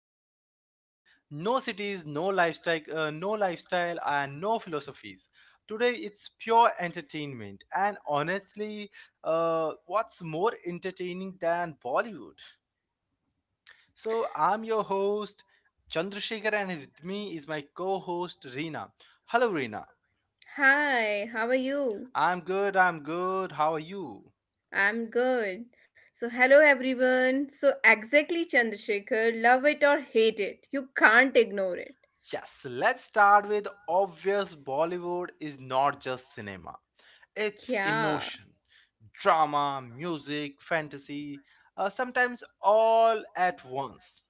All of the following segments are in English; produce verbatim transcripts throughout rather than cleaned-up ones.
gears a little. No cities, no lifestyle, uh, no lifestyle and no philosophies. Today it's pure entertainment and honestly, uh, what's more entertaining than Bollywood? So I'm your host Chandrasekhar and with me is my co-host Reena. Hello Reena. Hi, how are you? I'm good, I'm good. How are you? I'm good. So, hello everyone. So, exactly, Chandrasekhar, love it or hate it, you can't ignore it. Yes, let's start with obvious Bollywood is not just cinema. It's Yeah. emotion, drama, music, fantasy, uh, sometimes all at once.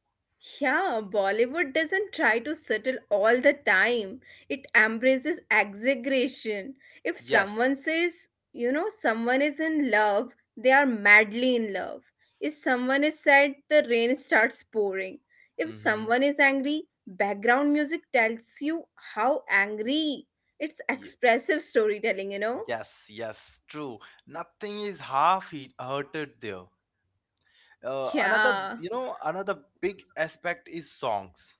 Yeah, Bollywood doesn't try to settle all the time. It embraces exaggeration. If Yes. someone says, you know, someone is in love, they are madly in love. If someone is sad, the rain starts pouring. If Mm-hmm. someone is angry, background music tells you how angry. It's expressive storytelling, you know? Yes, yes, true. Nothing is half he- hearted there. Uh, another, Yeah, you know, another big aspect is songs.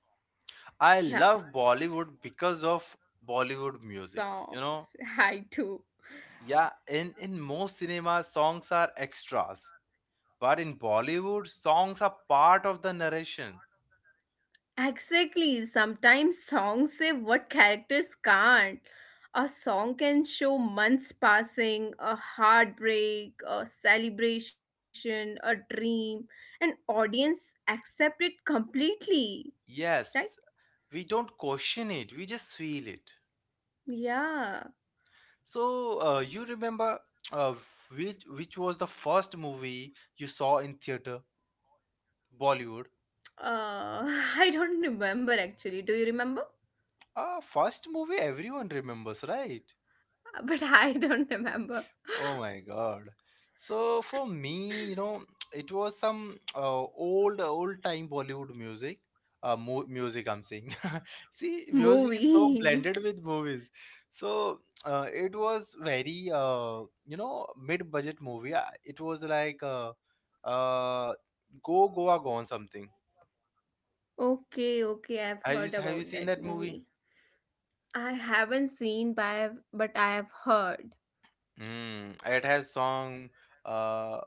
I yeah. love Bollywood because of Bollywood music. You know, Songs. I do. Yeah, in, in most cinemas, songs are extras. But in Bollywood, songs are part of the narration. Exactly. Sometimes songs say what characters can't. A song can show months passing, a heartbreak, a celebration, a dream, and audience accept it completely. Right? Yes, we don't question it, we just feel it. Yeah. So, uh, you remember uh, which, which was the first movie you saw in theater? Bollywood. Uh, I don't remember actually. Do you remember? Uh, first movie everyone remembers, right? But I don't remember. Oh my God. So for me, you know, it was some uh, old, old time Bollywood music. Uh, mo Music I'm saying. See, music is so Movie. blended with movies. So uh, it was very, uh, you know, mid-budget movie. Uh, It was like uh, uh, Go Goa Gone something. Okay, okay. I've Have you heard have you about seen that that movie? movie. I haven't seen, but I've but I have heard. Mm, it has song uh,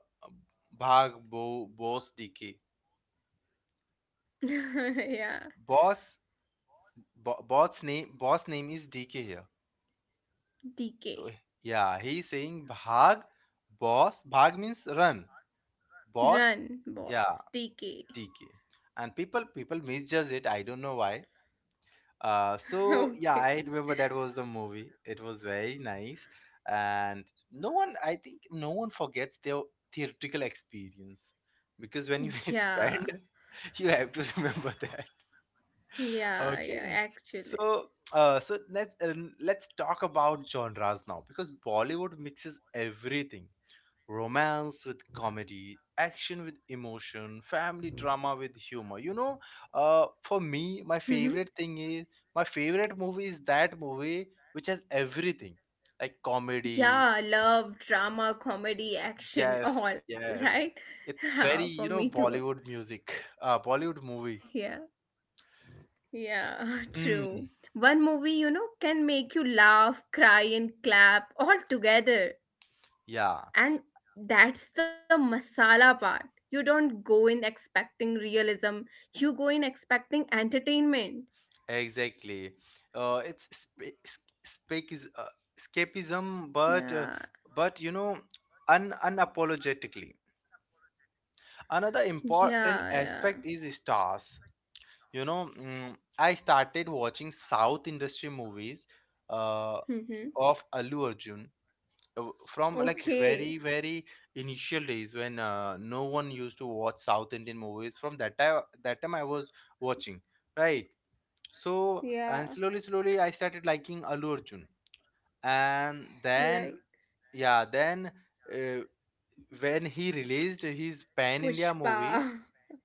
Bhag Bo Boss D K. Yeah, Boss Bo- bot's name boss name is D K here. So D K. yeah, he's saying Bhag boss. Bhag means run. Boss, Run, yeah, boss. D K. D K. And people people misjudge it. I don't know why. Uh, so yeah, Okay. I remember that was the movie. It was very nice, and no one I think no one forgets their theatrical experience because when you Yeah. spend, you have to remember that. Yeah, yeah, Okay. actually. So, uh, so let's uh, let's talk about genres now because Bollywood mixes everything: romance with comedy, action with emotion, family drama with humor. You know, uh, for me, my Hmm. favorite thing is my favorite movie is that movie which has everything, like comedy. Yeah, love, drama, comedy, action, all, Yes, right? yes. It's Yeah, for very, me you know, too. Bollywood music, uh, Bollywood movie. Yeah. Yeah, Hmm. true. One movie, you know, can make you laugh, cry, and clap all together. Yeah. And that's the masala part. You don't go in expecting realism, you go in expecting entertainment. Exactly. Uh, it's sp- sp- uh, escapism, but uh, Yeah, but you know, un- unapologetically. Another yeah, important yeah. aspect is stars. You know, mm, I started watching South industry movies uh, Mm-hmm. of Allu Arjun uh, from like Okay. very very initial days when uh, no one used to watch South Indian movies. From that time, that time I was watching, right? So and Yeah, slowly, slowly, I started liking Allu Arjun, and then like yeah, then uh, when he released his Pan Pushpa. India movie,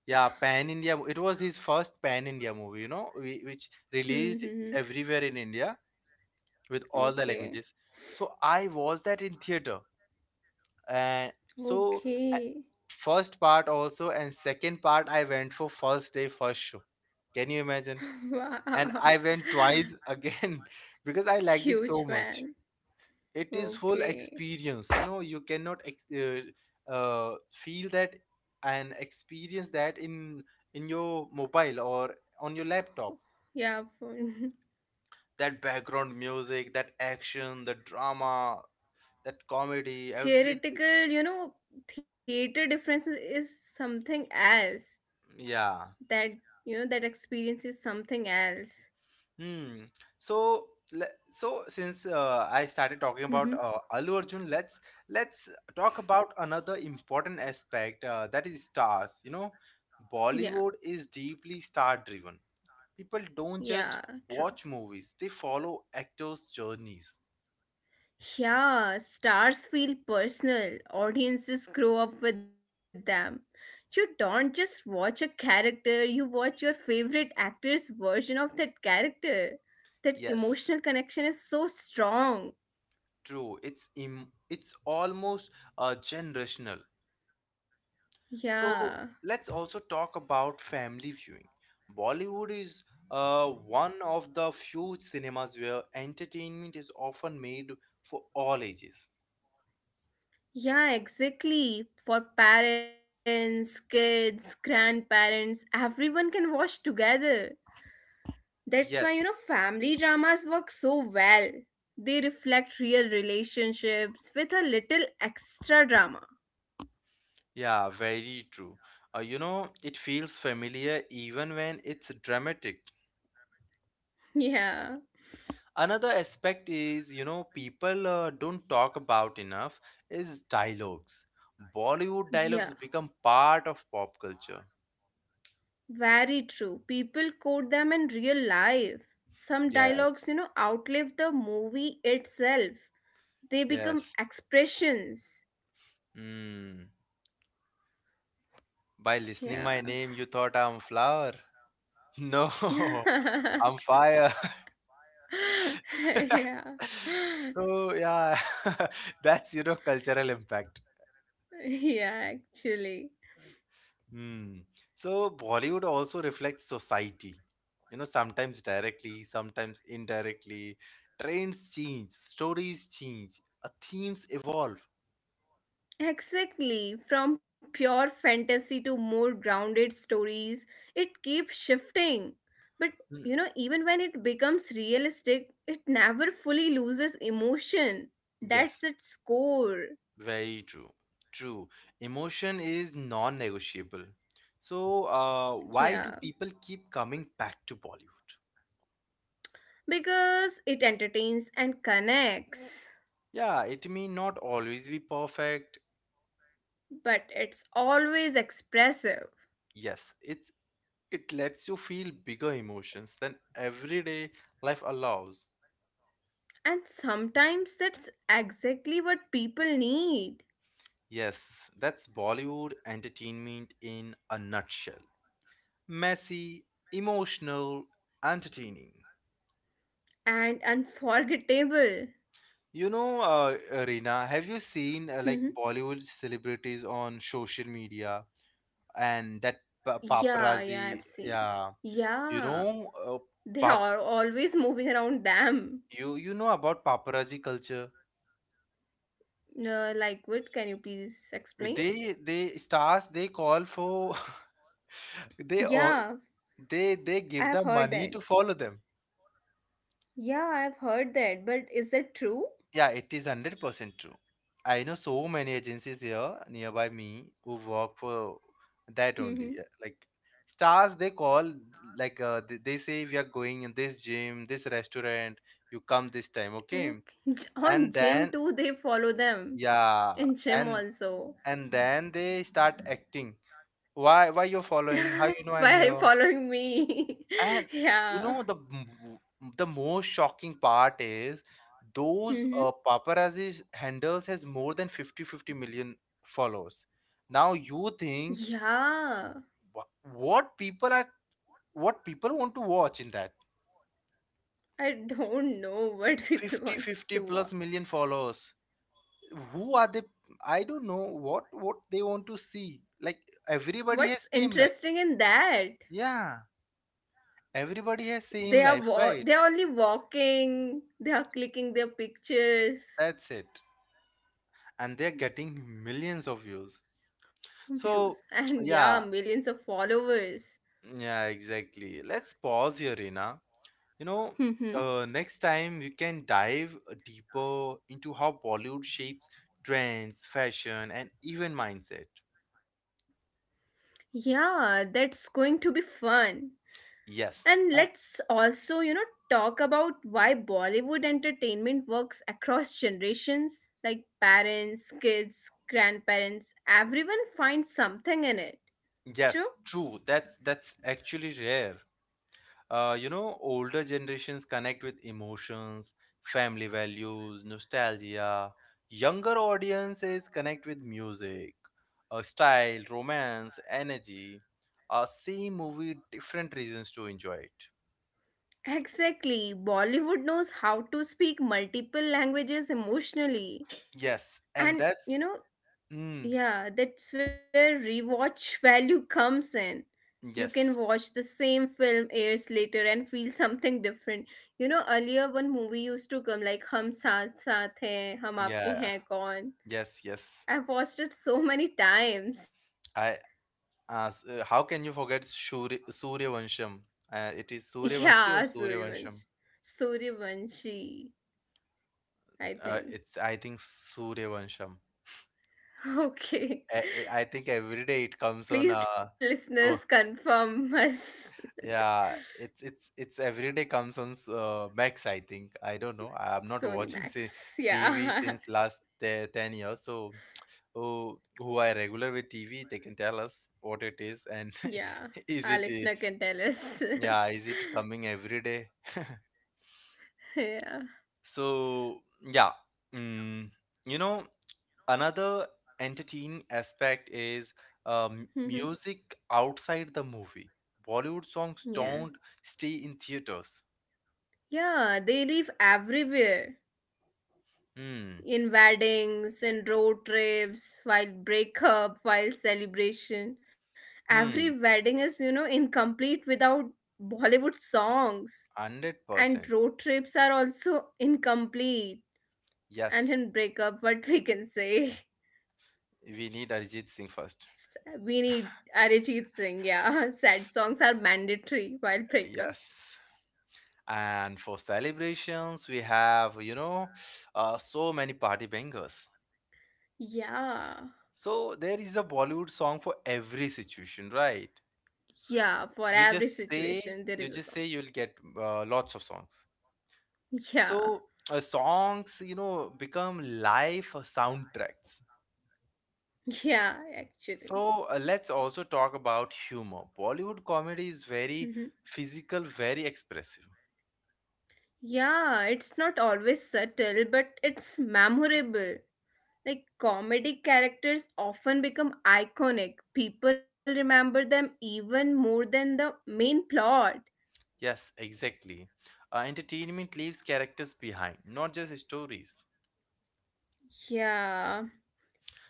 yeah, Pan India, it was his first Pan India movie, you know, whi- which released Mm-hmm. everywhere in India with all the Okay. languages. So I watched that in theater, and so I- Okay. first part also and second part I went for first day first show. Can you imagine? And Wow. I went twice again because I liked it Huge so much. fan. It is full Okay. experience. You know, you cannot ex- uh, uh, feel that and experience that in in your mobile or on your laptop. Yeah, for That background music, that action, the drama, that comedy, everything. theoretical, you know, theater difference is is something else. Yeah. That, you know, that experience is something else. Hmm. So, le- so since uh, I started talking about Mm-hmm. uh, Allu Arjun, let's let's talk about another important aspect uh, that is stars. You know, Yeah, Bollywood is deeply star-driven. People don't yeah, just true. watch movies; they follow actors' journeys. Yeah, stars feel personal. Audiences grow up with them. You don't just watch a character, you watch your favorite actor's version of that character. That Yes, emotional connection is so strong. true. It's im- it's almost uh, generational. Yeah. So let's also talk about family viewing. Bollywood is uh, one of the few cinemas where entertainment is often made for all ages. Yeah, exactly. For parents, kids, grandparents, everyone can watch together. That's why, you know, Yes, family dramas work so well. They reflect real relationships with a little extra drama. yeah, very true. Uh, you know, it feels familiar even when it's dramatic. Yeah, Another aspect is, you know, people uh, don't talk about enough is dialogues. Bollywood dialogues yeah, become part of pop culture. very true. People quote them in real life. Some Yes, dialogues, you know, outlive the movie itself, they become yes. expressions. Hmm. By listening my Yeah. name, you thought I'm flower? No, I'm fire. Yeah. So yeah, that's you know cultural impact. Yeah, actually. Hmm. So Bollywood also reflects society. You know, sometimes directly, sometimes indirectly. Trends change, stories change, uh, themes evolve. Exactly. From pure fantasy to more grounded stories, it keeps shifting. But Hmm. you know, even when it becomes realistic, it never fully loses emotion. Yes, That's its core. very true. True. Emotion is non-negotiable. So, uh, Yeah. why do people keep coming back to Bollywood? Because it entertains and connects, Yeah, it may not always be perfect. but it's always expressive. Yes, it it lets you feel bigger emotions than everyday life allows. And sometimes that's exactly what people need Yes, that's Bollywood entertainment in a nutshell. Messy, emotional, entertaining. and unforgettable. You know, uh, Reena, have you seen uh, like Bollywood celebrities on social media and that pa- Yeah, yeah, I've paparazzi? seen. Yeah, you Yeah, know, uh, they pap are always moving around them. you you know about paparazzi culture? Uh, like what? Can you please explain? They they stars they call for, they o- Yeah, they they I give have the heard money that. to follow them. Yeah, I have heard that. But is that true? Yeah, it is one hundred percent true. I know so many agencies here nearby me who work for Mm-hmm. that only. Yeah, like stars they call, like uh, they, they say we are going in this gym, this restaurant, you come this time, okay? Okay. J- On And gym then too, they follow them. yeah, In gym and also. and then they start acting. Why why you're following? How Why you know I'm are you here? following me? And you Yeah. know the m- the most shocking part is those Mm-hmm. uh, paparazzi handles has more than fifty fifty million followers. Now you think Yeah. wha- what people are what people want to watch in that I don't know what people fifty want fifty to plus watch. million followers. Who are they? I don't know what what they want to see. Like everybody has What's same life. interesting in that? Yeah, everybody has same They are life, wa- right? They are only walking. They are clicking their pictures, That's it. And they're getting millions of views. So, views, and yeah, yeah, millions of followers. yeah, exactly. Let's pause here, Reena. You know, uh, Hmm. next time we can dive deeper into how Bollywood shapes trends, fashion, and even mindset. Yeah, that's going to be fun. Yes, And uh, let's also, you know, talk about why Bollywood entertainment works across generations. Like parents, kids, grandparents, everyone finds something in it. True? yes, true. That's that's actually rare. Uh, you know, older generations connect with emotions, family values, nostalgia. Younger audiences connect with music, uh, style, romance, energy. Uh, same movie, different reasons to enjoy it. Exactly. Bollywood knows how to speak multiple languages emotionally. Yes, and And that's you know, mm, yeah, that's where rewatch value comes in. You yes, can watch the same film years later and feel something different. You know, earlier one movie used to come like Hum Saath Saath Hain, Hum Aapke yeah, Hain Kaun. yes, yes. I've watched it so many times. I as uh, How can you forget Shuri, suryavansham? Uh, it is Suryavanshi or Yeah, Suryavansham? Suryavansh. Suryavanshi, uh, I It's, I think. think, Suryavansham. I I Okay. think every day it comes on. uh Please, listeners, So confirm us. yeah, it's it's it's every day comes on s- uh, Max. I think. I don't know. I'm not watching Sorry, si Max. T V since Yeah. last te ten years. So who who are regular with T V they can tell us what it is, and Yeah, is it our uh, listener can tell us. yeah, is it coming every day? Yeah. so yeah. mm, you know, another entertaining aspect is um, Mhm. music outside the movie. Bollywood songs Yeah. don't stay in theaters. Yeah, they live everywhere. Hmm. In weddings, in road trips, while breakup, while celebration. Every Hmm. wedding is, you know, incomplete without Bollywood songs. Hundred And percent. road trips are also incomplete. And Yes. in breakup, what we can say? We need Arijit Singh first. We need Arijit Singh, yeah. Sad songs are mandatory while breakups. Yes. And for celebrations, we have you know uh, so many party bangers. Yeah. So there is a Bollywood song for every situation, right? Yeah, for You every just say situation there you is a just song. say you'll get uh, lots of songs. Yeah. So uh, songs, you know, become life soundtracks. Yeah, actually. So uh, let's also talk about humor. Bollywood comedy is very Mhm. physical, very expressive. Yeah, it's not always subtle, but it's memorable. Like comedic characters often become iconic. People remember them even more than the main plot. Yes, exactly. Uh, entertainment leaves characters behind, not just stories. Yeah.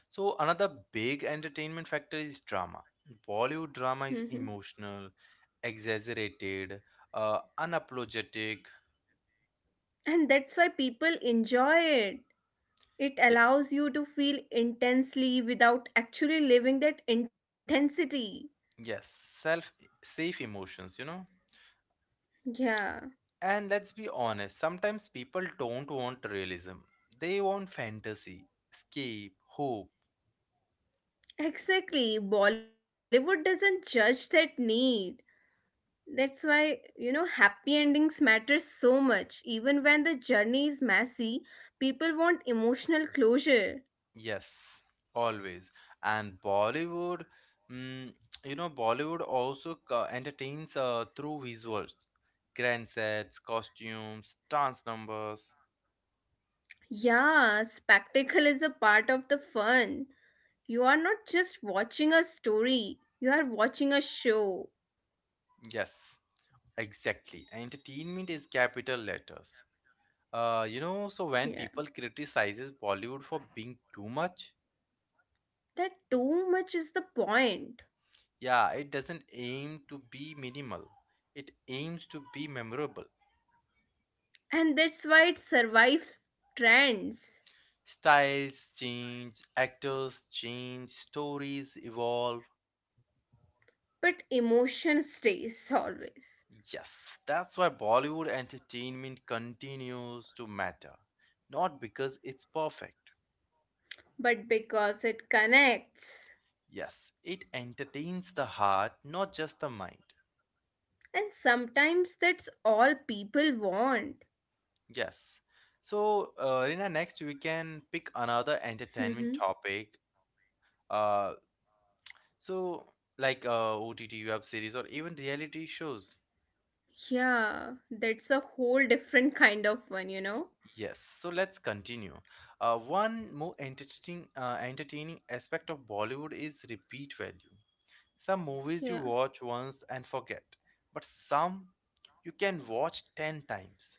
So another big entertainment factor is drama. Bollywood drama is Mhm. emotional, exaggerated, uh, unapologetic. And that's why people enjoy it. It Yeah, allows you to feel intensely without actually living that intensity. yes, self safe emotions, you know. Yeah. And let's be honest, sometimes people don't want realism. They want fantasy, escape, hope. Exactly. Bollywood doesn't judge that need. That's why, you know, happy endings matter so much. Even when the journey is messy, people want emotional closure. Yes, always. And Bollywood, mm, you know, Bollywood also co- entertains uh, through visuals, grand sets, costumes, dance numbers. Yeah, spectacle is a part of the fun. You are not just watching a story, you are watching a show. Yes, exactly. Entertainment is capital letters. Uh, you know, so when Yeah. people criticizes Bollywood for being too much. That too much is the point. Yeah, it doesn't aim to be minimal. It aims to be memorable. And that's why it survives trends. Styles change, actors change, stories evolve. But emotion stays always. Yes, that's why Bollywood entertainment continues to matter. Not because it's perfect. But because it connects. Yes, it entertains the heart, not just the mind. And sometimes that's all people want. Yes. So, uh, Rina, next we can pick another entertainment Mhm. topic. Uh, So, like uh, O T T web series or even reality shows. Yeah, that's a whole different kind of one, you know? Yes. So let's continue. Uh, one more entertaining, uh, entertaining aspect of Bollywood is repeat value. Some movies you Yeah, watch once and forget, but some you can watch ten times.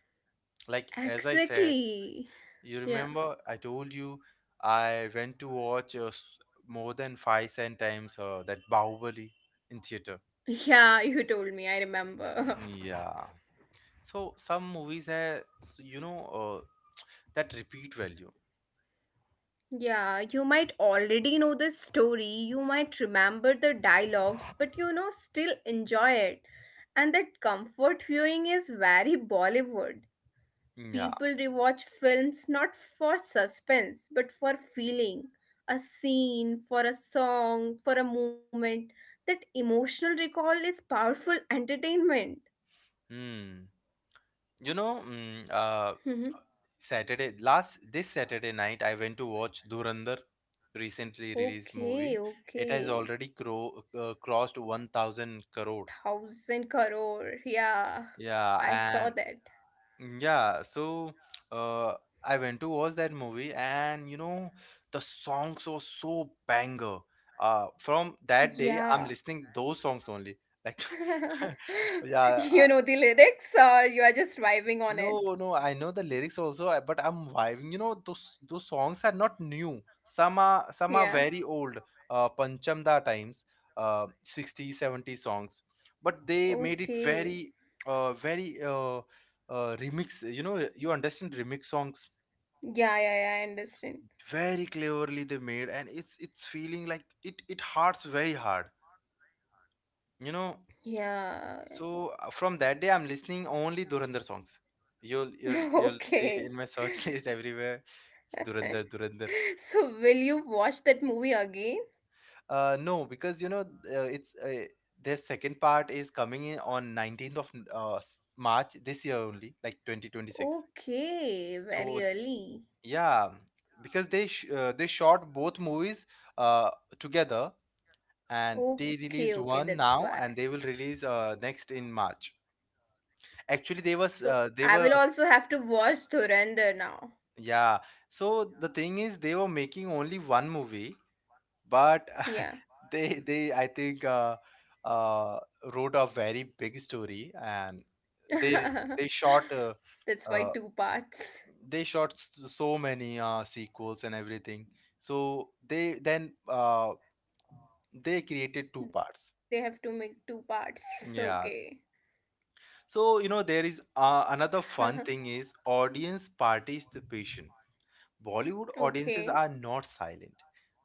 Like, as I said, exactly. you Yeah. remember I told you I went to watch uh, s- more than five, ten times uh, that Bahubali in theater. Yeah, you told me, I remember. Yeah. So some movies have, s- you know, uh, that repeat value. Yeah, you might already know the story, you might remember the dialogues, but you know, still enjoy it. And that comfort viewing is very Bollywood. Yeah. People rewatch films not for suspense, but for feeling. A scene, for a song, for a moment. That emotional recall is powerful entertainment. Hmm. You know, mm, uh, Mhm. Saturday last this Saturday night I went to watch Durandar, recently released movie. Okay, It has okay. already cro- uh, crossed one thousand crore. Thousand crore. Yeah, I saw Yeah. that. Mm. Yeah, so uh, I went to watch that movie, and you know, the songs were so banger. Uh, from that Yeah. day, I'm listening those songs only. Like, yeah, You know the lyrics, or you are just vibing on it? no, no, I know the lyrics also, I- but I'm vibing. You know, those those songs are not new. Some are some are Yeah. very old, uh, Panchamda times, uh, sixties, seventies songs. But they made it Okay. very, uh, very uh, uh, remix. You know, you understand remix songs Yeah, yeah, yeah, I understand. very cleverly they made, and it's it's feeling like it it hurts very hard. You know, Yeah. so uh, from that day, I'm listening only Dhurandhar songs. You'll you'll you'll see Okay. in my search list everywhere. It's Dhurandhar, Dhurandhar. So, will you watch that movie again? Uh, no, because you know uh, it's uh, their second part is coming in on nineteenth of uh, s- March this year only, like twenty twenty-six. Okay, very So early. yeah, because they sh uh, they shot both movies uh, together, and they Okay, okay, released that's one why. now, and they will release uh, next in March. Actually, they was So, uh, they I were. will also have to watch Dhurandhar now. Yeah. So the thing is, they were making only one movie, but Yeah. they they I think uh, uh, wrote a very big story, and they they shot uh, That's why uh, two parts. they shot s- so many uh, sequels and everything. So they then uh, they created two They parts. have to make two parts. Okay. Yeah. So you know there is uh, another fun thing is audience participation. Bollywood audiences are Okay. not silent.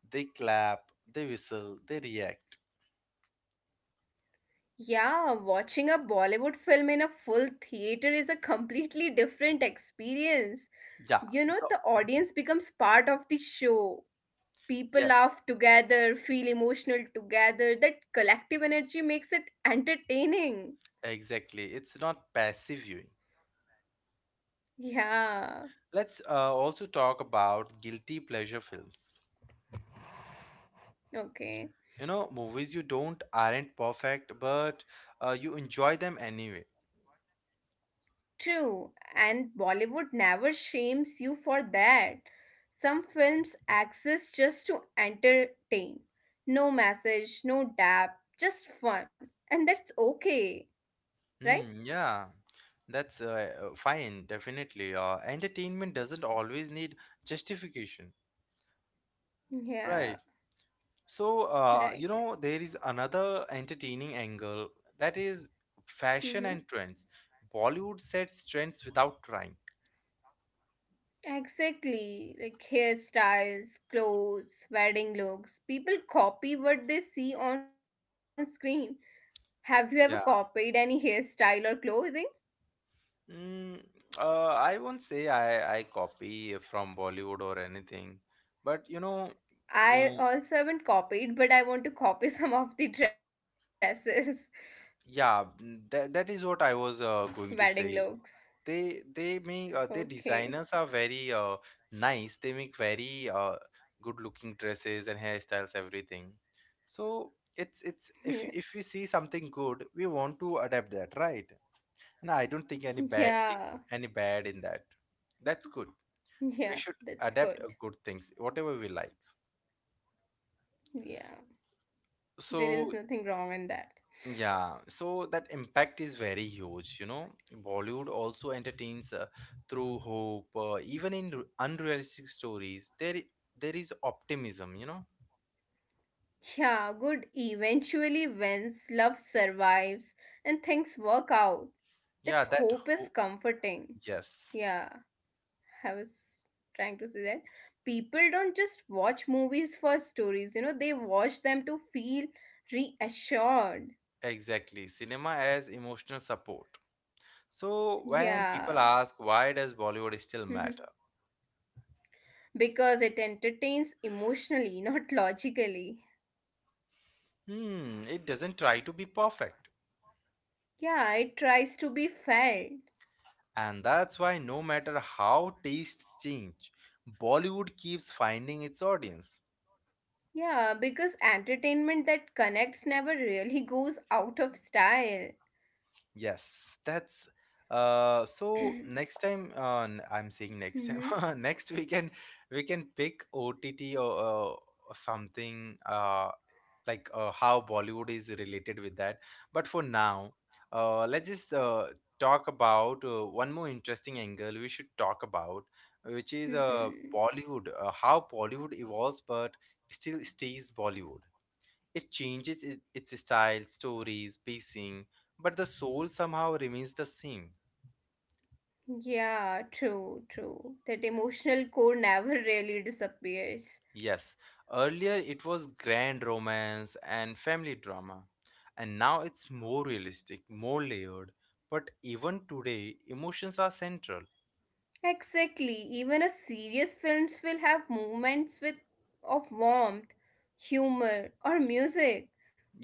They clap, they whistle, they react. Yeah, watching a Bollywood film in a full theater is a completely different experience. You know, Yeah, the the- audience becomes part of the show. People yes, laugh together, feel emotional together. That collective energy makes it entertaining. exactly. It's not passive viewing. Yeah, Let's uh, also talk about guilty pleasure films. okay. You know, movies you don't aren't perfect, but uh, you enjoy them anyway. True, and Bollywood never shames you for that. Some films exist just to entertain. No message, no depth, just fun. And that's okay, right? Hmm, yeah, that's uh, uh, fine, definitely. Uh, entertainment doesn't always need justification, right? Yeah, So, uh, you right. know, there is another entertaining angle that is fashion Hmm. and trends. Bollywood sets trends without trying. Exactly. Like hairstyles, clothes, wedding looks. People copy what they see on screen. Have you ever Yeah. copied any hairstyle or clothing? Mm, uh, I won't say I, I copy from Bollywood or anything, but you know, you I know, also haven't copied, but I want to copy some of the dresses. yeah, mm, that, that is what I was uh, Wedding going to looks. say. they they make uh, their Okay. designers are very uh, nice. They make very uh, good looking dresses and hairstyles, everything. So it's it's Yeah. if you, if you see something good, we want to adapt that, right? And I don't think any bad thing, Yeah. any bad in that. That's good. Yeah. We should That's good. adapt uh, good things, whatever we like. Yeah. There is So nothing wrong in that. yeah, so that impact is very huge, you know. Bollywood also entertains uh, through hope, uh, even in r- unrealistic stories. There, i- there is optimism, you know. Yeah. Good eventually wins, love survives, and things work out. Yeah, That that hope is hope. comforting. Yes, Yeah. I was trying to say that. People don't just watch movies for stories, you know, they watch them to feel reassured. exactly. Cinema as emotional support. So when people Yeah. ask, why does Bollywood still matter? Because it entertains emotionally, not logically. Hmm, it doesn't try to be perfect, Yeah, it tries to be felt. and that's why no matter how tastes change, Bollywood keeps finding its audience. Yeah, because entertainment that connects never really goes out of style. Yes, that's, uh so next time uh, n- I'm saying next Hmm. time next weekend we can pick O T T or, uh, or something uh like uh, how Bollywood is related with that. But for now, uh let's just uh, talk about uh, one more interesting angle we should talk about, which is uh Hmm. Bollywood, uh, how Bollywood evolves but still stays Bollywood. It changes it, its style, stories, pacing, but the soul somehow remains the same. Yeah, true, true. That emotional core never really disappears. Yes, earlier it was grand romance and family drama, and now it's more realistic, more layered. But even today, emotions are central. Exactly. Even a serious films will have moments with of warmth, humor, or music.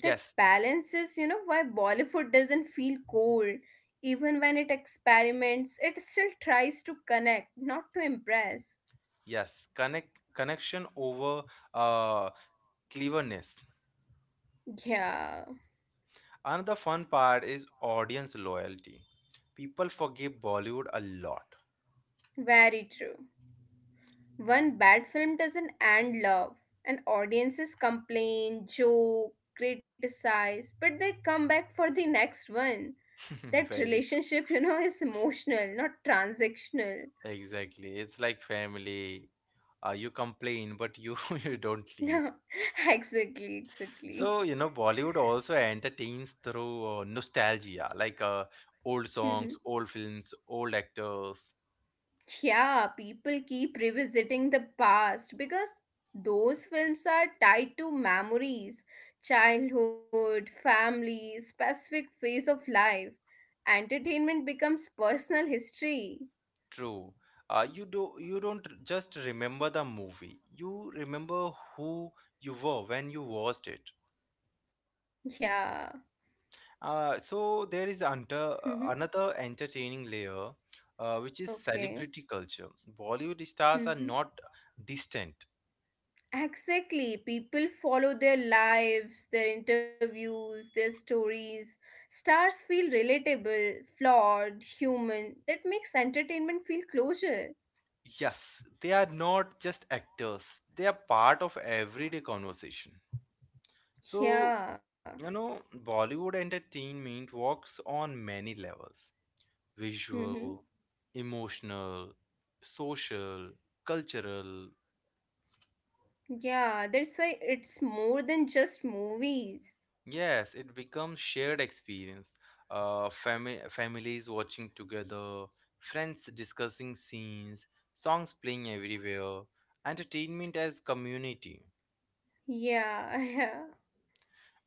That balances, you know, why Bollywood doesn't feel cold. Even when it experiments, it still tries to connect, not to impress. yes, connect connection over uh, cleverness. Yeah, Another fun part is audience loyalty. People forgive Bollywood a lot. very true. One bad film doesn't end love, and audiences complain, joke, criticize, but they come back for the next one. That Very relationship, you know, is emotional, not transactional. exactly. It's like family. Uh, you complain, but you you don't leave. No, exactly, exactly. So you know, Bollywood also entertains through uh, nostalgia, like uh, old Mhm. songs, old films, old actors. Yeah, people keep revisiting the past because those films are tied to memories, childhood, family, specific phase of life. Entertainment becomes personal history. True. Uh, you do you don't r- just remember the movie, you remember who you were when you watched it. Yeah. Uh, so there is under Mhm. uh, another entertaining layer, uh, which is Okay. celebrity culture. Bollywood stars Mm-hmm. are not distant. Exactly. People follow their lives, their interviews, their stories. Stars feel relatable, flawed, human. That makes entertainment feel closer. Yes, they are not just actors, they are part of everyday conversation. So, Yeah. you know, Bollywood entertainment works on many levels: Mm-hmm. visual, emotional, social, cultural. Yeah, that's why it's more than just movies. Yes, it becomes shared experience. Uh, fami- families watching together, friends discussing scenes, songs playing everywhere, entertainment as community. Yeah, yeah.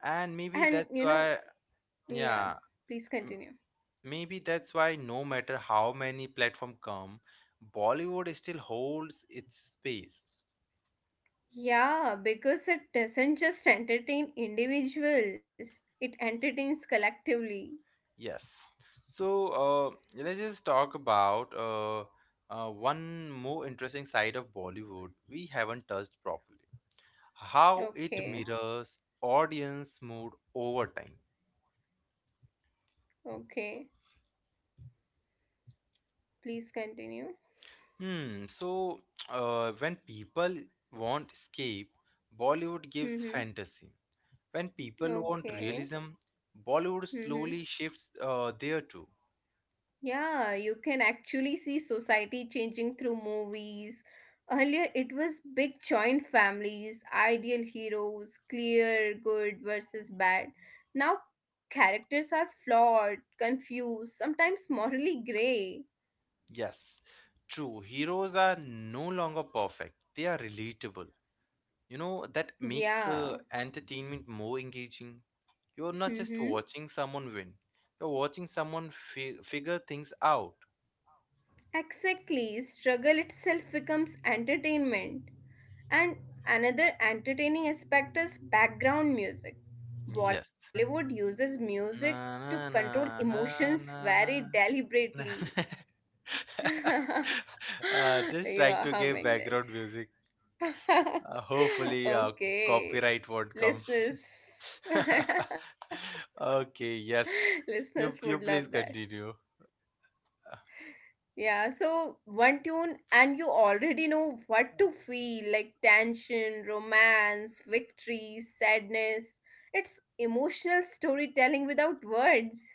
And maybe And you that's know, why, yeah, yeah. please continue. Maybe that's why no matter how many platforms come, Bollywood still holds its space. Yeah, because it doesn't just entertain individuals, it entertains collectively. Yes. So uh, let's just talk about uh, uh, one more interesting side of Bollywood we haven't touched properly. How it Okay, mirrors audience mood over time. okay. Please continue. Hmm. So uh, when people want escape, Bollywood gives Mm-hmm. fantasy. When people want Okay. realism, Bollywood Mm-hmm. slowly shifts uh, there too. Yeah, you can actually see society changing through movies. Earlier, it was big joint families, ideal heroes, clear good versus bad. Now, characters are flawed, confused, sometimes morally gray. Yes, true. Heroes are no longer perfect, they are relatable. You know, that makes uh, Yeah. entertainment more engaging. You're not just Mm-hmm. watching someone win, you're watching someone fi- figure things out. Exactly. Struggle itself becomes entertainment. And another entertaining aspect is background music. Yes. Bollywood uses music Na to na control na na emotions na very na na. deliberately. You uh, Just are trying to give humming background music. that. Uh, hopefully, uh, Okay. copyright won't come. Listeners. okay, yes. Listeners would You you love that. please continue. Yeah, so one tune, and you already know what to feel like tension, romance, victory, sadness. It's emotional storytelling without words.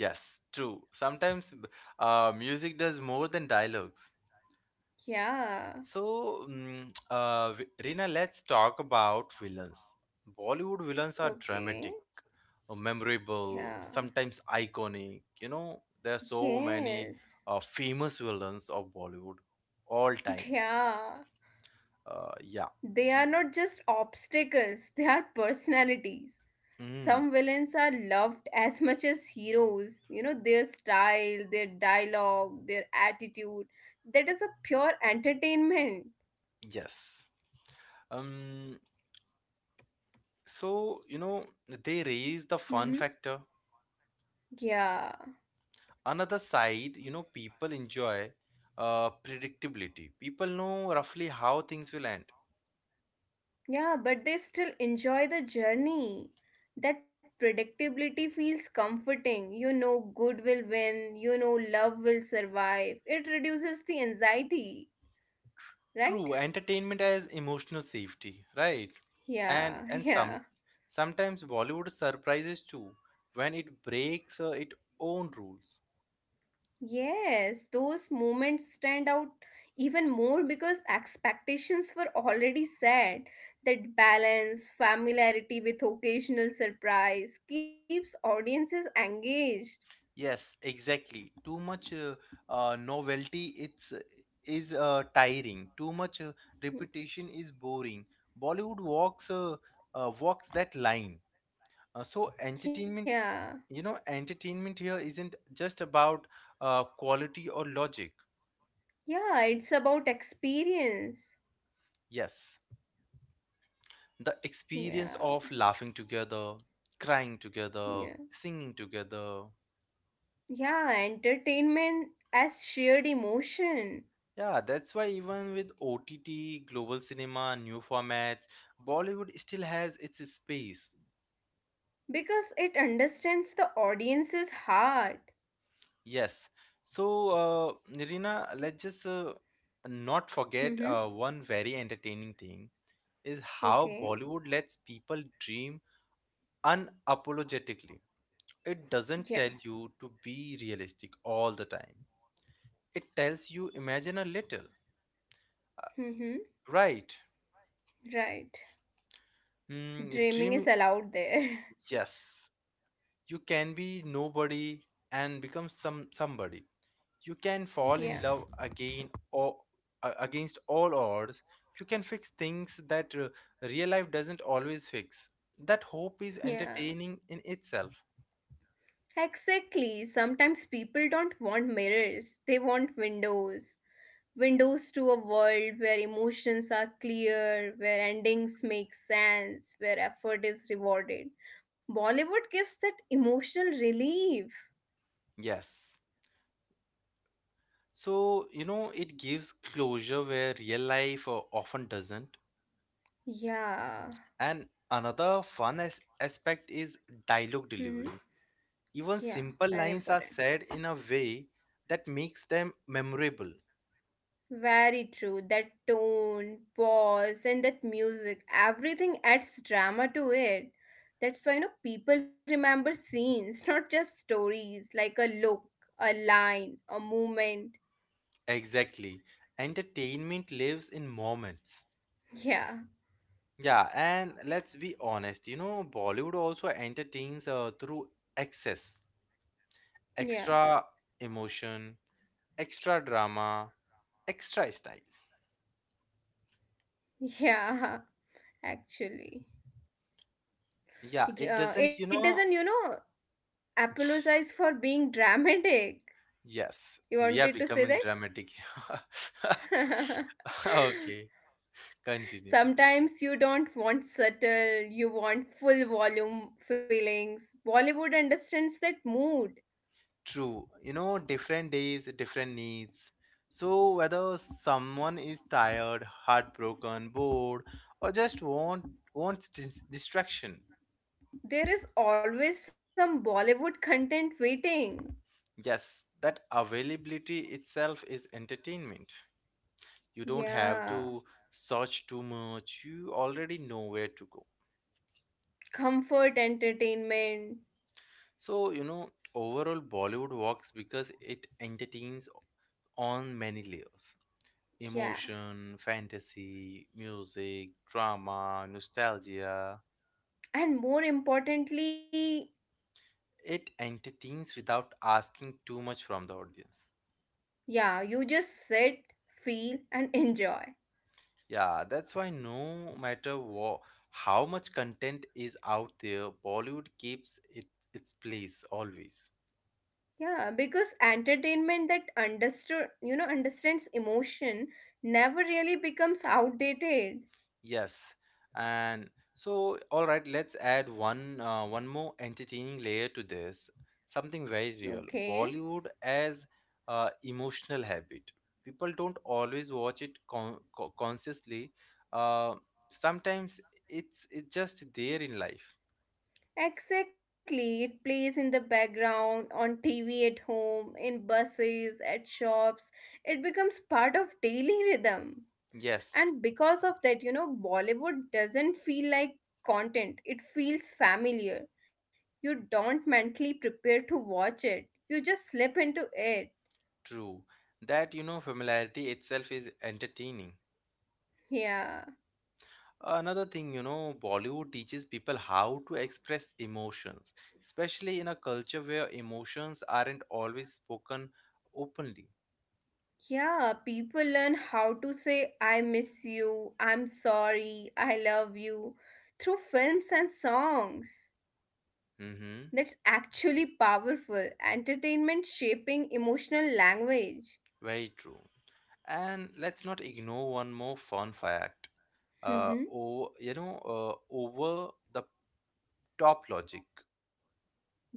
Yes, true. Sometimes b- uh, music does more than dialogues. Yeah, So, mm, uh, Vi- Reena, let's talk about villains. Bollywood villains are okay. dramatic, uh, Yeah, memorable, sometimes iconic. You know, there are so many yes, uh, famous villains of Bollywood all time. yeah. Uh, yeah. They are not just obstacles, they are personalities. Mm, Some villains are loved as much as heroes. You know, their style, their dialogue, their attitude. That is a pure entertainment. yes. Um, so you know, they raise the Hmm. fun factor. Yeah. Another side, you know, people enjoy uh, predictability. People know roughly how things will end. Yeah, but they still enjoy the journey. That predictability feels comforting. You know, good will win. You know, love will survive. It reduces the anxiety, right? True, entertainment as emotional safety, right? And Yeah, and some yeah. sometimes Bollywood surprises too, when it breaks uh, its own rules. Yes, those moments stand out even more because expectations were already set. That balance, familiarity with occasional surprise, keeps audiences engaged. Yes, exactly. Too much uh, uh, novelty it's uh, is uh, tiring. Too much uh, Mm. repetition is boring. Bollywood walks uh, uh, walks that line. Uh, so entertainment, Yeah, you know, entertainment here isn't just about uh, quality or logic. yeah, it's about experience. Yes, the experience Yeah, of laughing together, crying together, yeah, singing together. yeah, entertainment as shared emotion Yeah, that's why even with O T T, global cinema, new formats, Bollywood still has its space. because it understands the audience's heart. Yes. So, uh, Nirina, let's just uh, not forget Mm-hmm. uh, one very entertaining thing is how Okay, Bollywood lets people dream unapologetically. It doesn't yeah. tell you to be realistic all the time. It tells you, imagine a little, Mm-hmm. right? Right. Mm, Dreaming is dreaming, allowed there. yes. You can be nobody and become some somebody. You can fall Yeah. in love again or a- against all odds. You can fix things that uh, real life doesn't always fix. That hope is Yeah. entertaining in itself. Exactly. Sometimes people don't want mirrors, they want windows. Windows to a world where emotions are clear, where endings make sense, where effort is rewarded. Bollywood gives that emotional relief. Yes. So you know, it gives closure where real life uh, often doesn't. Yeah. And another fun as- aspect is dialogue Hmm. delivery. Even Yeah, simple very lines are important. said in a way that makes them memorable. Very true. That tone, pause, and that music, everything adds drama to it. That's why, you know, people remember scenes, not just stories, like a look, a line, a moment. Exactly. Entertainment lives in moments. Yeah, Yeah, and let's be honest, you know, Bollywood also entertains uh, through excess, yeah, extra emotion, extra drama, extra style. yeah, actually. Yeah, it doesn't, Yeah, you it know, doesn't, you know, apologize for being dramatic. yes, You we are wanted to say becoming dramatic. that? Okay, continue. Sometimes you don't want subtle, you want full volume feelings. Bollywood understands that mood. True. You know, different days, different needs. So, whether someone is tired, heartbroken, bored, or just want wants dis- distraction, There is always some Bollywood content waiting. yes, that availability itself is entertainment. You don't have Yeah. to search too much. You already know where to go. Comfort entertainment. So, you know, overall Bollywood works because it entertains on many layers: Yeah. emotion, fantasy, music, drama, nostalgia. And more importantly, It entertains without asking too much from the audience. yeah, you just sit, feel, and enjoy. Yeah, that's why no matter what, how much content is out there, Bollywood keeps it its place always. Yeah, because entertainment that understood, you know, understands emotion never really becomes outdated. Yes. And so, all right, let's add one uh, one more entertaining layer to this. Something very real. Okay. Bollywood as uh, emotional habit. People don't always watch it con- co- consciously. Uh, Sometimes it's it's just there in life. Exactly, it plays in the background, on T V at home, in buses, at shops. It becomes part of daily rhythm. Yes, And because of that, you know, Bollywood doesn't feel like content, it feels familiar. You don't mentally prepare to watch it, you just slip into it. true. That, you know, familiarity itself is entertaining. Yeah. Another thing, you know, Bollywood teaches people how to express emotions, especially in a culture where emotions aren't always spoken openly. Yeah, people learn how to say, I miss you, I'm sorry, I love you through films and songs. Mm-hmm. That's actually powerful. Entertainment shaping emotional language. Very true. And let's not ignore one more fun fact. Uh, Mhm. oh, you know, uh, over the top logic.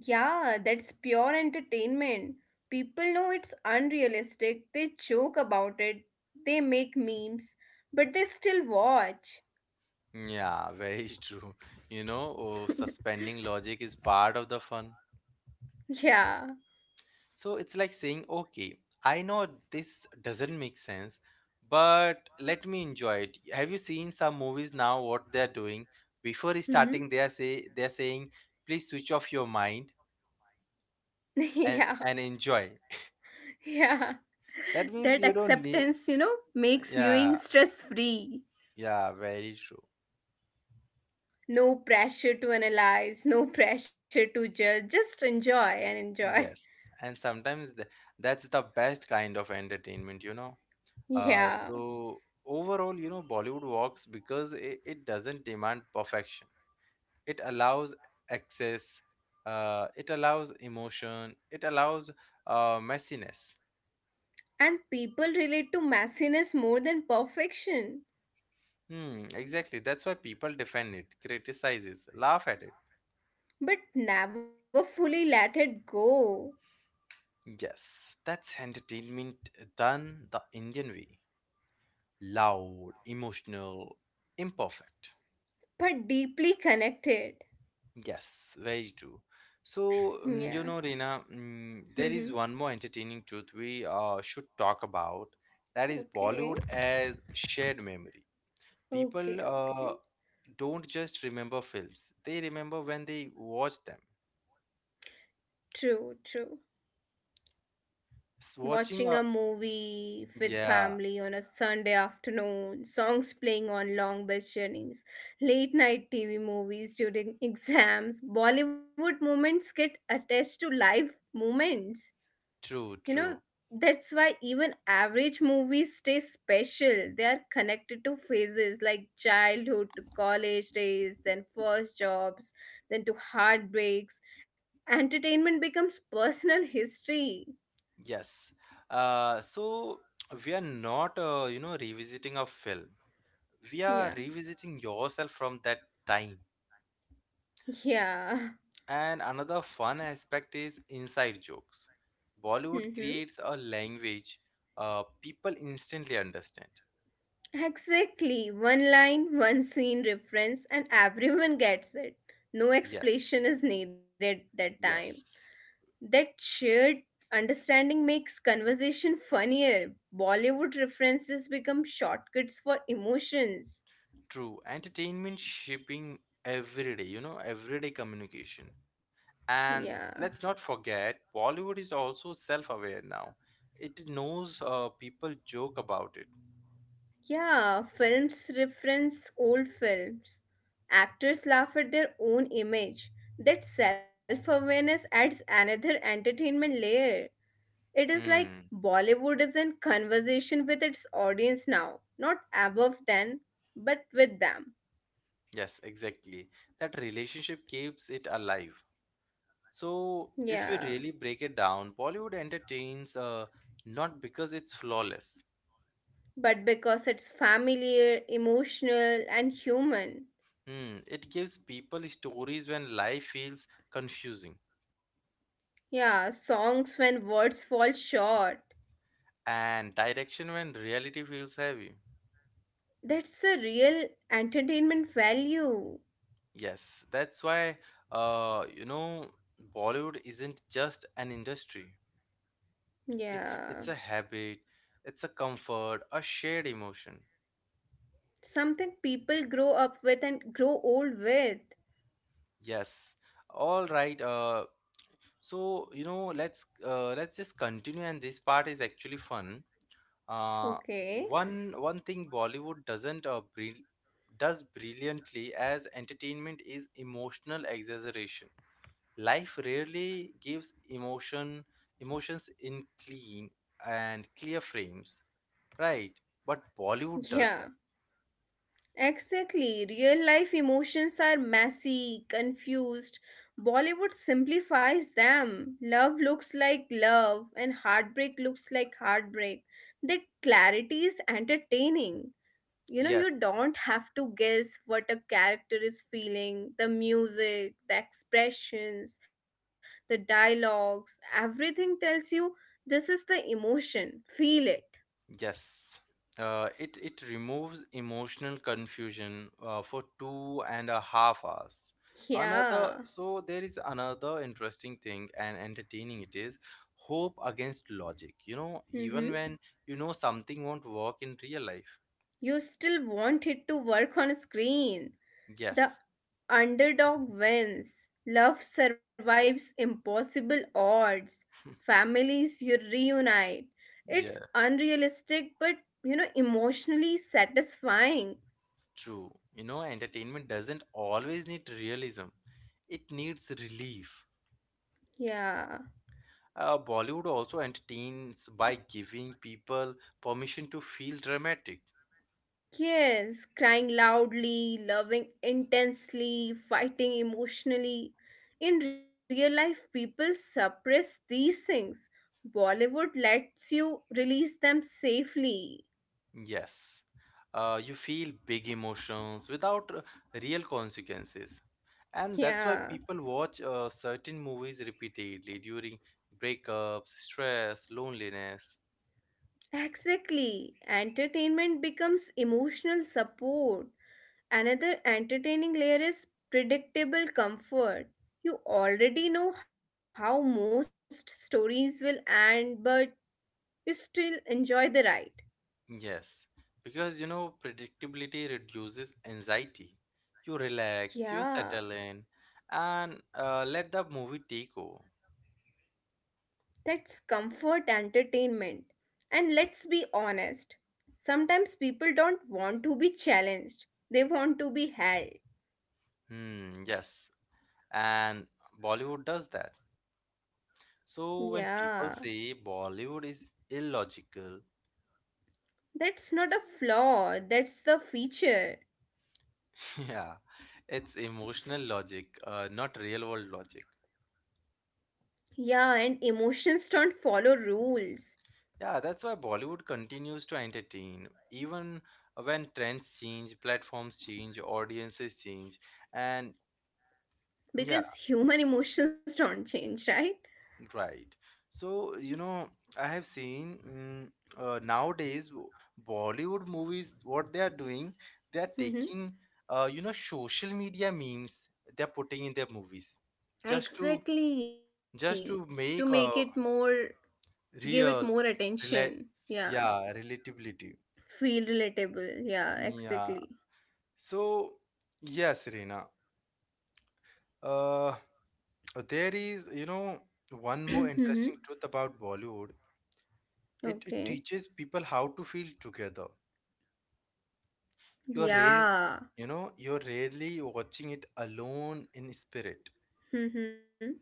Yeah, that's pure entertainment. People know it's unrealistic, they joke about it, they make memes, but they still watch. Yeah, very true. You know, oh, suspending logic is part of the fun. Yeah. So it's like saying, okay, I know this doesn't make sense, but let me enjoy it. Have you seen some movies now, what they're doing? Before starting, they are Mhm. say they're saying, please switch off your mind and Yeah, and enjoy. yeah. That means you That don't need, acceptance, you know, makes yeah, viewing stress free. yeah, very true. No pressure to analyze, no pressure to judge, just enjoy and enjoy. Yes. And sometimes th- that's the best kind of entertainment, you know. Uh, Yeah. So overall, you know, Bollywood works because it, it doesn't demand perfection. It allows access, uh, it allows emotion, it allows uh, messiness. And people relate to messiness more than perfection, Hmm, exactly, that's why people defend it, criticizes, laugh at it. but never fully let it go, Yes, that's entertainment done the Indian way: loud, emotional, imperfect. but deeply connected. Yes, very true. So Yeah. mm, you know, Reena, mm, there Mm-hmm. is one more entertaining truth we uh, should talk about. That is Bollywood Okay. as shared memory. People Okay, uh, okay. don't just remember films, they remember when they watch them. True, true. S- watching Watching a a, movie with yeah, family on a Sunday afternoon, songs playing on long bus journeys, late night T V movies during exams, Bollywood moments get attached to life moments. true, You true. know, that's why even average movies stay special. They are connected to phases like childhood to college days, then first jobs, then to heartbreaks. Entertainment becomes personal history. Yes, uh, so we are not uh, you know, revisiting a film, we are Yeah. revisiting yourself from that time. Yeah. And another fun aspect is inside jokes. Bollywood Mm-hmm. creates a language uh, people instantly understand. Exactly. One line, one scene reference, and everyone gets it. No Yes, explanation is needed that time. yes. That shared understanding makes conversation funnier. Bollywood references become shortcuts for emotions. True. Entertainment shipping every day, you know, everyday communication. And Yeah. let's not forget, Bollywood is also self aware now. It knows uh, people joke about it. Yeah, films reference old films. Actors laugh at their own image. That self awareness adds another entertainment layer. It is like Hmm. Bollywood is in conversation with its audience now, not above them, but with them. Yes, exactly. That relationship keeps it alive. So, if we Yeah. really break it down, Bollywood entertains uh, not because it's flawless. But because it's familiar, emotional, and human. Hmm. It gives people stories when life feels confusing Yeah, songs when words fall short. and direction when reality feels heavy. That's the real entertainment value. Yes, that's why uh, you know, Bollywood isn't just an industry. It's Yeah, it's a habit, it's a comfort, a shared emotion. something people grow up with and grow old with. Yes. All right. Uh, so you know, let's uh, let's just continue, and this part is actually fun. Uh, Okay, one One thing Bollywood doesn't uh, brill does brilliantly as entertainment is emotional exaggeration. Life rarely gives emotion emotions in clean and clear frames, right? But Bollywood does yeah. that. Exactly. Real life emotions are messy, confused. Bollywood simplifies them. Love looks like love, and heartbreak looks like heartbreak. The clarity is entertaining. You know, yes, You don't have to guess what a character is feeling. The music, the expressions, the dialogues, everything tells you this is the emotion. Feel it. yes. uh, it it removes emotional confusion uh, for two and a half hours. another Yeah. so there is another interesting thing, and entertaining it is: hope against logic, you know, even Mm-hmm. when you know something won't work in real life. You still want it to work on screen. The Yes. underdog wins. Love survives impossible odds. Families you reunite. It's Yes. unrealistic but you know emotionally satisfying. True. You know, entertainment doesn't always need realism, it needs relief. Yeah. Uh, Bollywood also entertains by giving people permission to feel dramatic. Yes, crying loudly, loving intensely, fighting emotionally. In real life, people suppress these things. Bollywood lets you release them safely. Yes, uh, you feel big emotions without uh, real consequences. And that's why Yeah, people watch uh, certain movies repeatedly during breakups, stress, loneliness. exactly. Entertainment becomes emotional support. Another entertaining layer is predictable comfort. You already know how most stories will end, but you still enjoy the ride. Yes, because you know, predictability reduces anxiety. You relax, you settle Yeah, in, and uh, let the movie take over. that's comfort entertainment. And let's be honest, sometimes people don't want to be challenged, they want to be held. Hmm, yes, and Bollywood does that. So when Yeah, people say Bollywood is illogical, that's not a flaw, that's the feature. yeah, it's emotional logic, uh, not real world logic. Yeah, and emotions don't follow rules Yeah, that's why Bollywood continues to entertain, even when trends change, platforms change, audiences change, and yeah. because human emotions don't change, right? Right. So, you know, I have seen mm, uh, nowadays w- Bollywood movies, what they are doing, they are taking Mm-hmm. uh, you know, social media memes, they're putting in their movies just to just to Exactly. To make make a it more, give it real, more rela attention. Yeah. yeah, relatability. Feel relatable. Yeah, Yeah. exactly. So, yes, Reena. Uh, there is, you know, one more Mm-hmm. interesting truth about Bollywood. It, it Okay. teaches people how to feel together. You're rare, Yeah. you know, you're rarely watching it alone in spirit. Mm-hmm.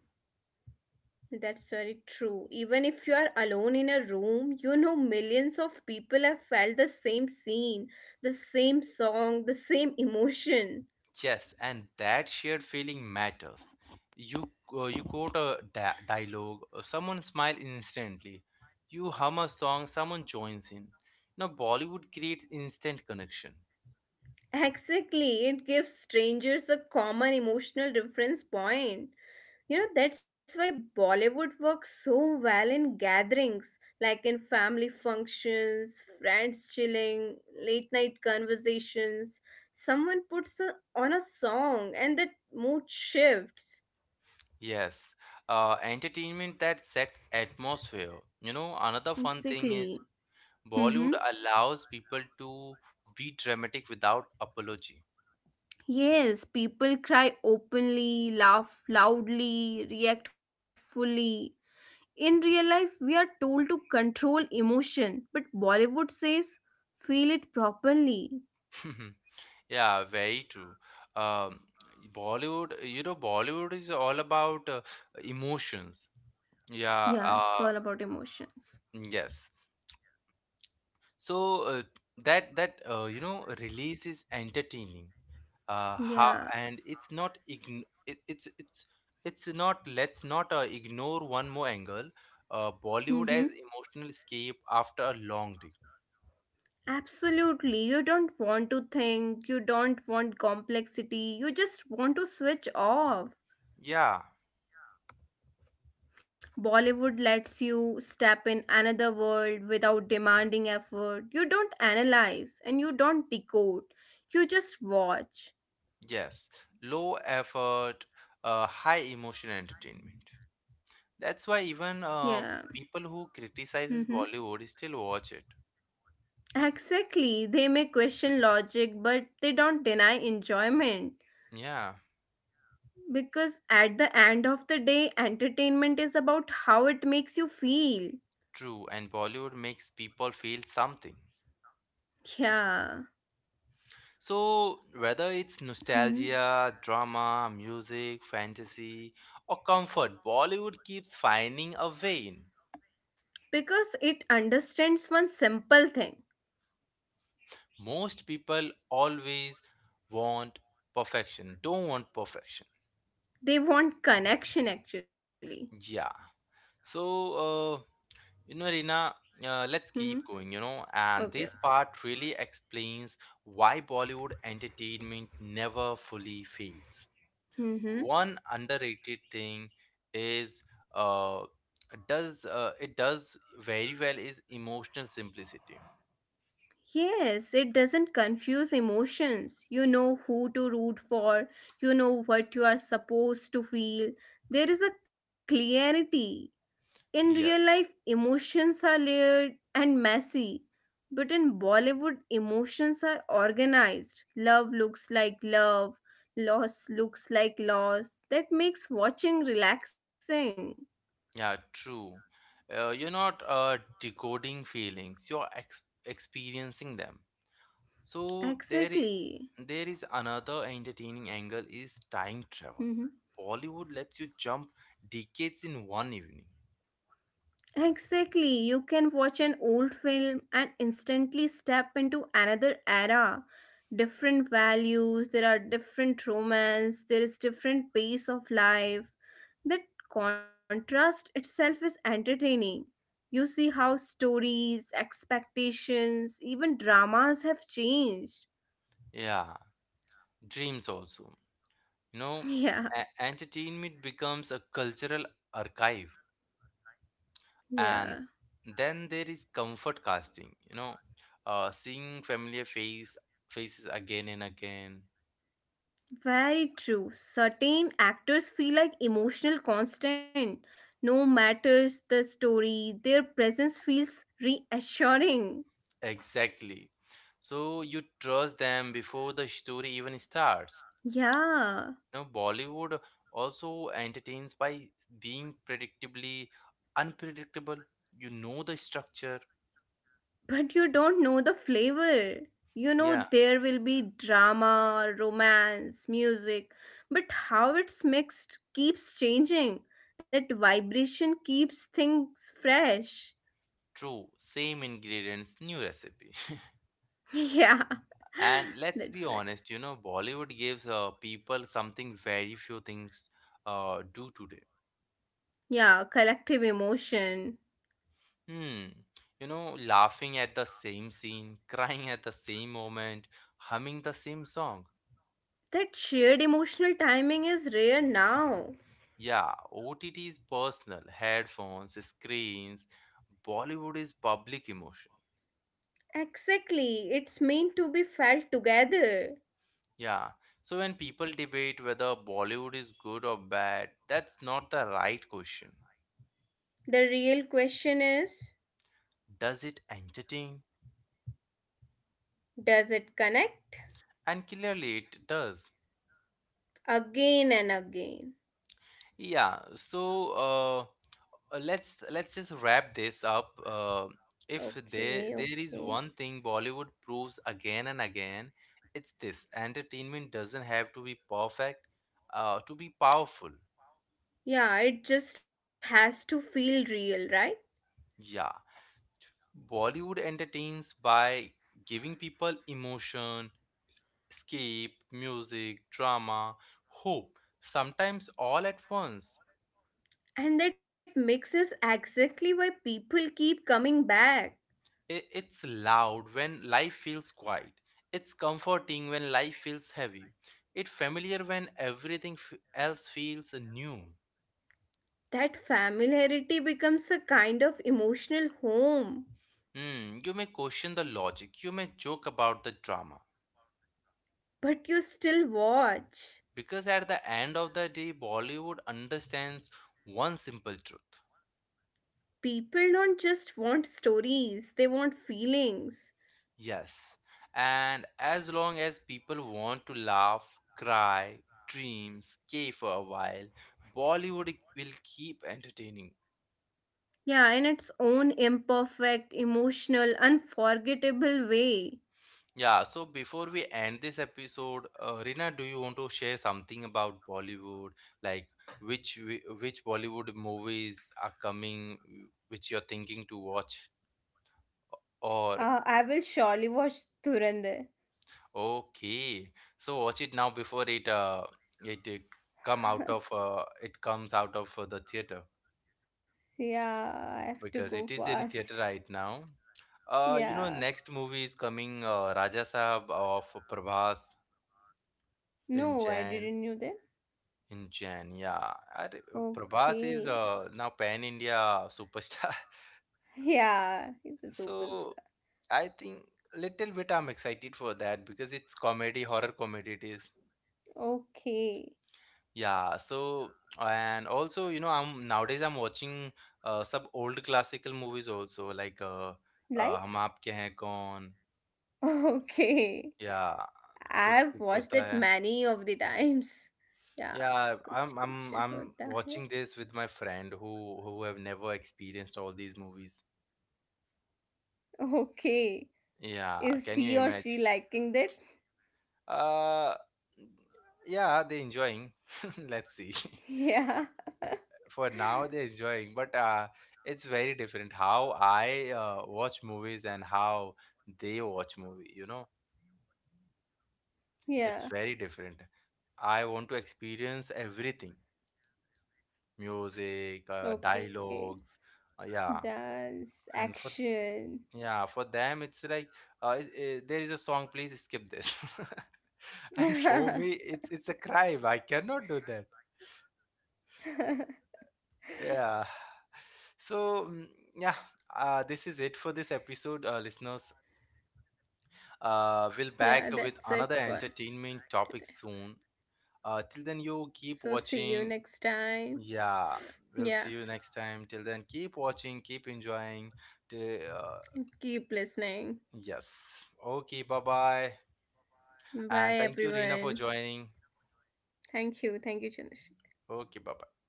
That's very true. Even if you are alone in a room, you know millions of people have felt the same scene, the same song, the same emotion. Yes, and that shared feeling matters. You uh, you quote a da- dialogue, uh, someone smile instantly. You hum a song, someone joins in. Now Bollywood creates instant connection. Exactly, it gives strangers a common emotional reference point. You know, that's why Bollywood works so well in gatherings, like in family functions, friends chilling, late night conversations. Someone puts a, on a song and the mood shifts. Yes, uh, entertainment that sets atmosphere. You know, another fun thing Exactly. is Mm-hmm. Bollywood allows people to be dramatic without apology. Yes, people cry openly, laugh loudly, react fully. In real life, we are told to control emotion, but Bollywood says feel it properly. Yeah, very true. Um, Bollywood, you know, Bollywood is all about uh, emotions. Yeah, Yeah, it's uh, all about emotions. yes. So uh, that that uh, you know, release is entertaining. Uh, how Yeah. and it's not ign it, it's it's it's not, let's not uh, ignore one more angle. Uh, Bollywood Mm-hmm. as emotional escape after a long day. Absolutely. You don't want to think, you don't want complexity, you just want to switch off. Yeah, Bollywood lets you step in another world without demanding effort. You don't analyze and you don't decode, you just watch. yes. Low effort, uh, high emotion entertainment. That's why even Yeah. uh, people who criticizes Mm-hmm. Bollywood still watch it. Exactly. They may question logic, but they don't deny enjoyment. Yeah, Because at the end of the day, entertainment is about how it makes you feel. true. And Bollywood makes people feel something. Yeah. So whether it's Hmm. nostalgia, drama, music, fantasy, or comfort, Bollywood keeps finding a way in. Because it understands one simple thing. Most people always want perfection, don't want perfection. They want connection actually. Yeah. So uh, you know, Rina, uh, Hmm. let's keep going, you know, Okay. and this part really explains why Bollywood entertainment never fully fades. Mm-hmm. One underrated thing is uh, does uh, it does very well is emotional simplicity. Yes, it doesn't confuse emotions. You know who to root for, you know what you are supposed to feel. There is a clarity. In real Yes, life, emotions are layered and messy, but in Bollywood, emotions are organized. Love looks like love, loss looks like loss. That makes watching relaxing. yeah, true. Uh, you're not uh, decoding feelings; you're ex experiencing them. So there is Exactly. there is another entertaining angle is time travel. Mm-hmm. Bollywood lets you jump decades in one evening. Exactly. You can watch an old film and instantly step into another era. Different values, there are different romance, there is different pace of life. That contrast itself is entertaining. You see how stories, expectations, even dramas have changed. Yeah, dreams also. You know, Yeah, e- entertainment becomes a cultural archive, yeah. and then there is comfort casting. You know, uh, seeing familiar face faces again and again. Very true. Certain actors feel like emotional constant. No matters the story, their presence feels reassuring. Exactly. So you trust them before the story even starts. Now, Yeah, Bollywood also entertains by being predictably unpredictable. You know the structure. but you don't know the flavor. You know Yeah, there will be drama, romance, music, but how it's mixed keeps changing. That vibration keeps things fresh. true. Same ingredients, new recipe. Yeah, And let's be that's it. honest, you know, Bollywood gives uh, people something very few things uh, do today. Yeah, collective emotion. Hmm. You know, laughing at the same scene, crying at the same moment, humming the same song. That shared emotional timing is rare now. Yeah, O T T is personal, headphones, screens. Bollywood is public emotion. Exactly, it's meant to be felt together. Yeah, so when people debate whether Bollywood is good or bad, that's not the right question. The real question is Does it entertain? does it connect? And clearly it does. Again and again. Yeah, so uh, uh, let's let's just wrap this up. Uh, if there Okay, there is okay. one thing Bollywood proves again and again, it's this: entertainment doesn't have to be perfect, uh, to be powerful. Yeah, it just has to feel real, right? Yeah, Bollywood entertains by giving people emotion, escape, music, drama, hope, sometimes all at once. And that mixes exactly why people keep coming back. I- It's loud when life feels quiet. It's comforting when life feels heavy. It's familiar when everything f- else feels new. That familiarity becomes a kind of emotional home. Hmm, you may question the logic. You may joke about the drama. But you still watch. Because at the end of the day, Bollywood understands one simple truth. People don't just want stories, they want feelings. Yes. And as long as people want to laugh, cry, dream, skate for a while, Bollywood will keep entertaining. Yeah, in its own imperfect, emotional, unforgettable way. Yeah, so before we end this episode, uh, Rina, do you want to share something about Bollywood? Like which wi- which Bollywood movies are coming, which you're thinking to watch, or Uh, I will surely watch Durande. okay, so watch it now before it uh it, uh, come out of uh it comes out of uh, the theater, Yeah, I have to go because it is in fast. theater right now. Uh, you know, Yeah. next movie is coming, uh, Raja Saab of Prabhas in No, I Jan. didn't know that. In Jan, yeah. Arey, Prabhas is Okay. uh, now pan India superstar. Yeah, he's a superstar. So I think little bit I'm excited for that because it's comedy, horror comedy it is. Okay. Yeah, so and also you know I'm nowadays I'm watching uh, some old classical movies also, like uh, uh, हम Like? आपके हैं कौन, Okay. yeah, I कुछ have कुछ watched होता it है. many of the times. Yeah. Yeah, कुछ I'm कुछ I'm I'm होता है। watching this with my friend who who have never experienced all these movies. Okay. Is Yeah, he or can you she imagine? liking that? Uh, yeah, they're enjoying. Let's see. Yeah. For now, they're enjoying, but uh, it's very different how I uh, watch movies and how they watch movie. You know, Yeah. it's very different. I want to experience everything, music, uh, Okay. dialogues, uh, yeah. Dance, And for action. yeah, for them, it's like uh, i i- there is a song. Please skip this. And Yeah, for me, it's it's a crime. I cannot do that. Yeah. So, mm, yeah, uh, this is it for this episode, uh, listeners. Uh, that's we'll it for back with another today. entertainment topic soon. Uh, till then, So you see you keep next watching. time. Yeah, Yeah. we'll see you next time. Till then, keep watching, keep enjoying. Till, And uh, keep listening. yes. Okay, bye bye. Bye And thank you, Reena, everyone. for joining. Thank you. Thank you, Chandrasekhar. Okay, bye.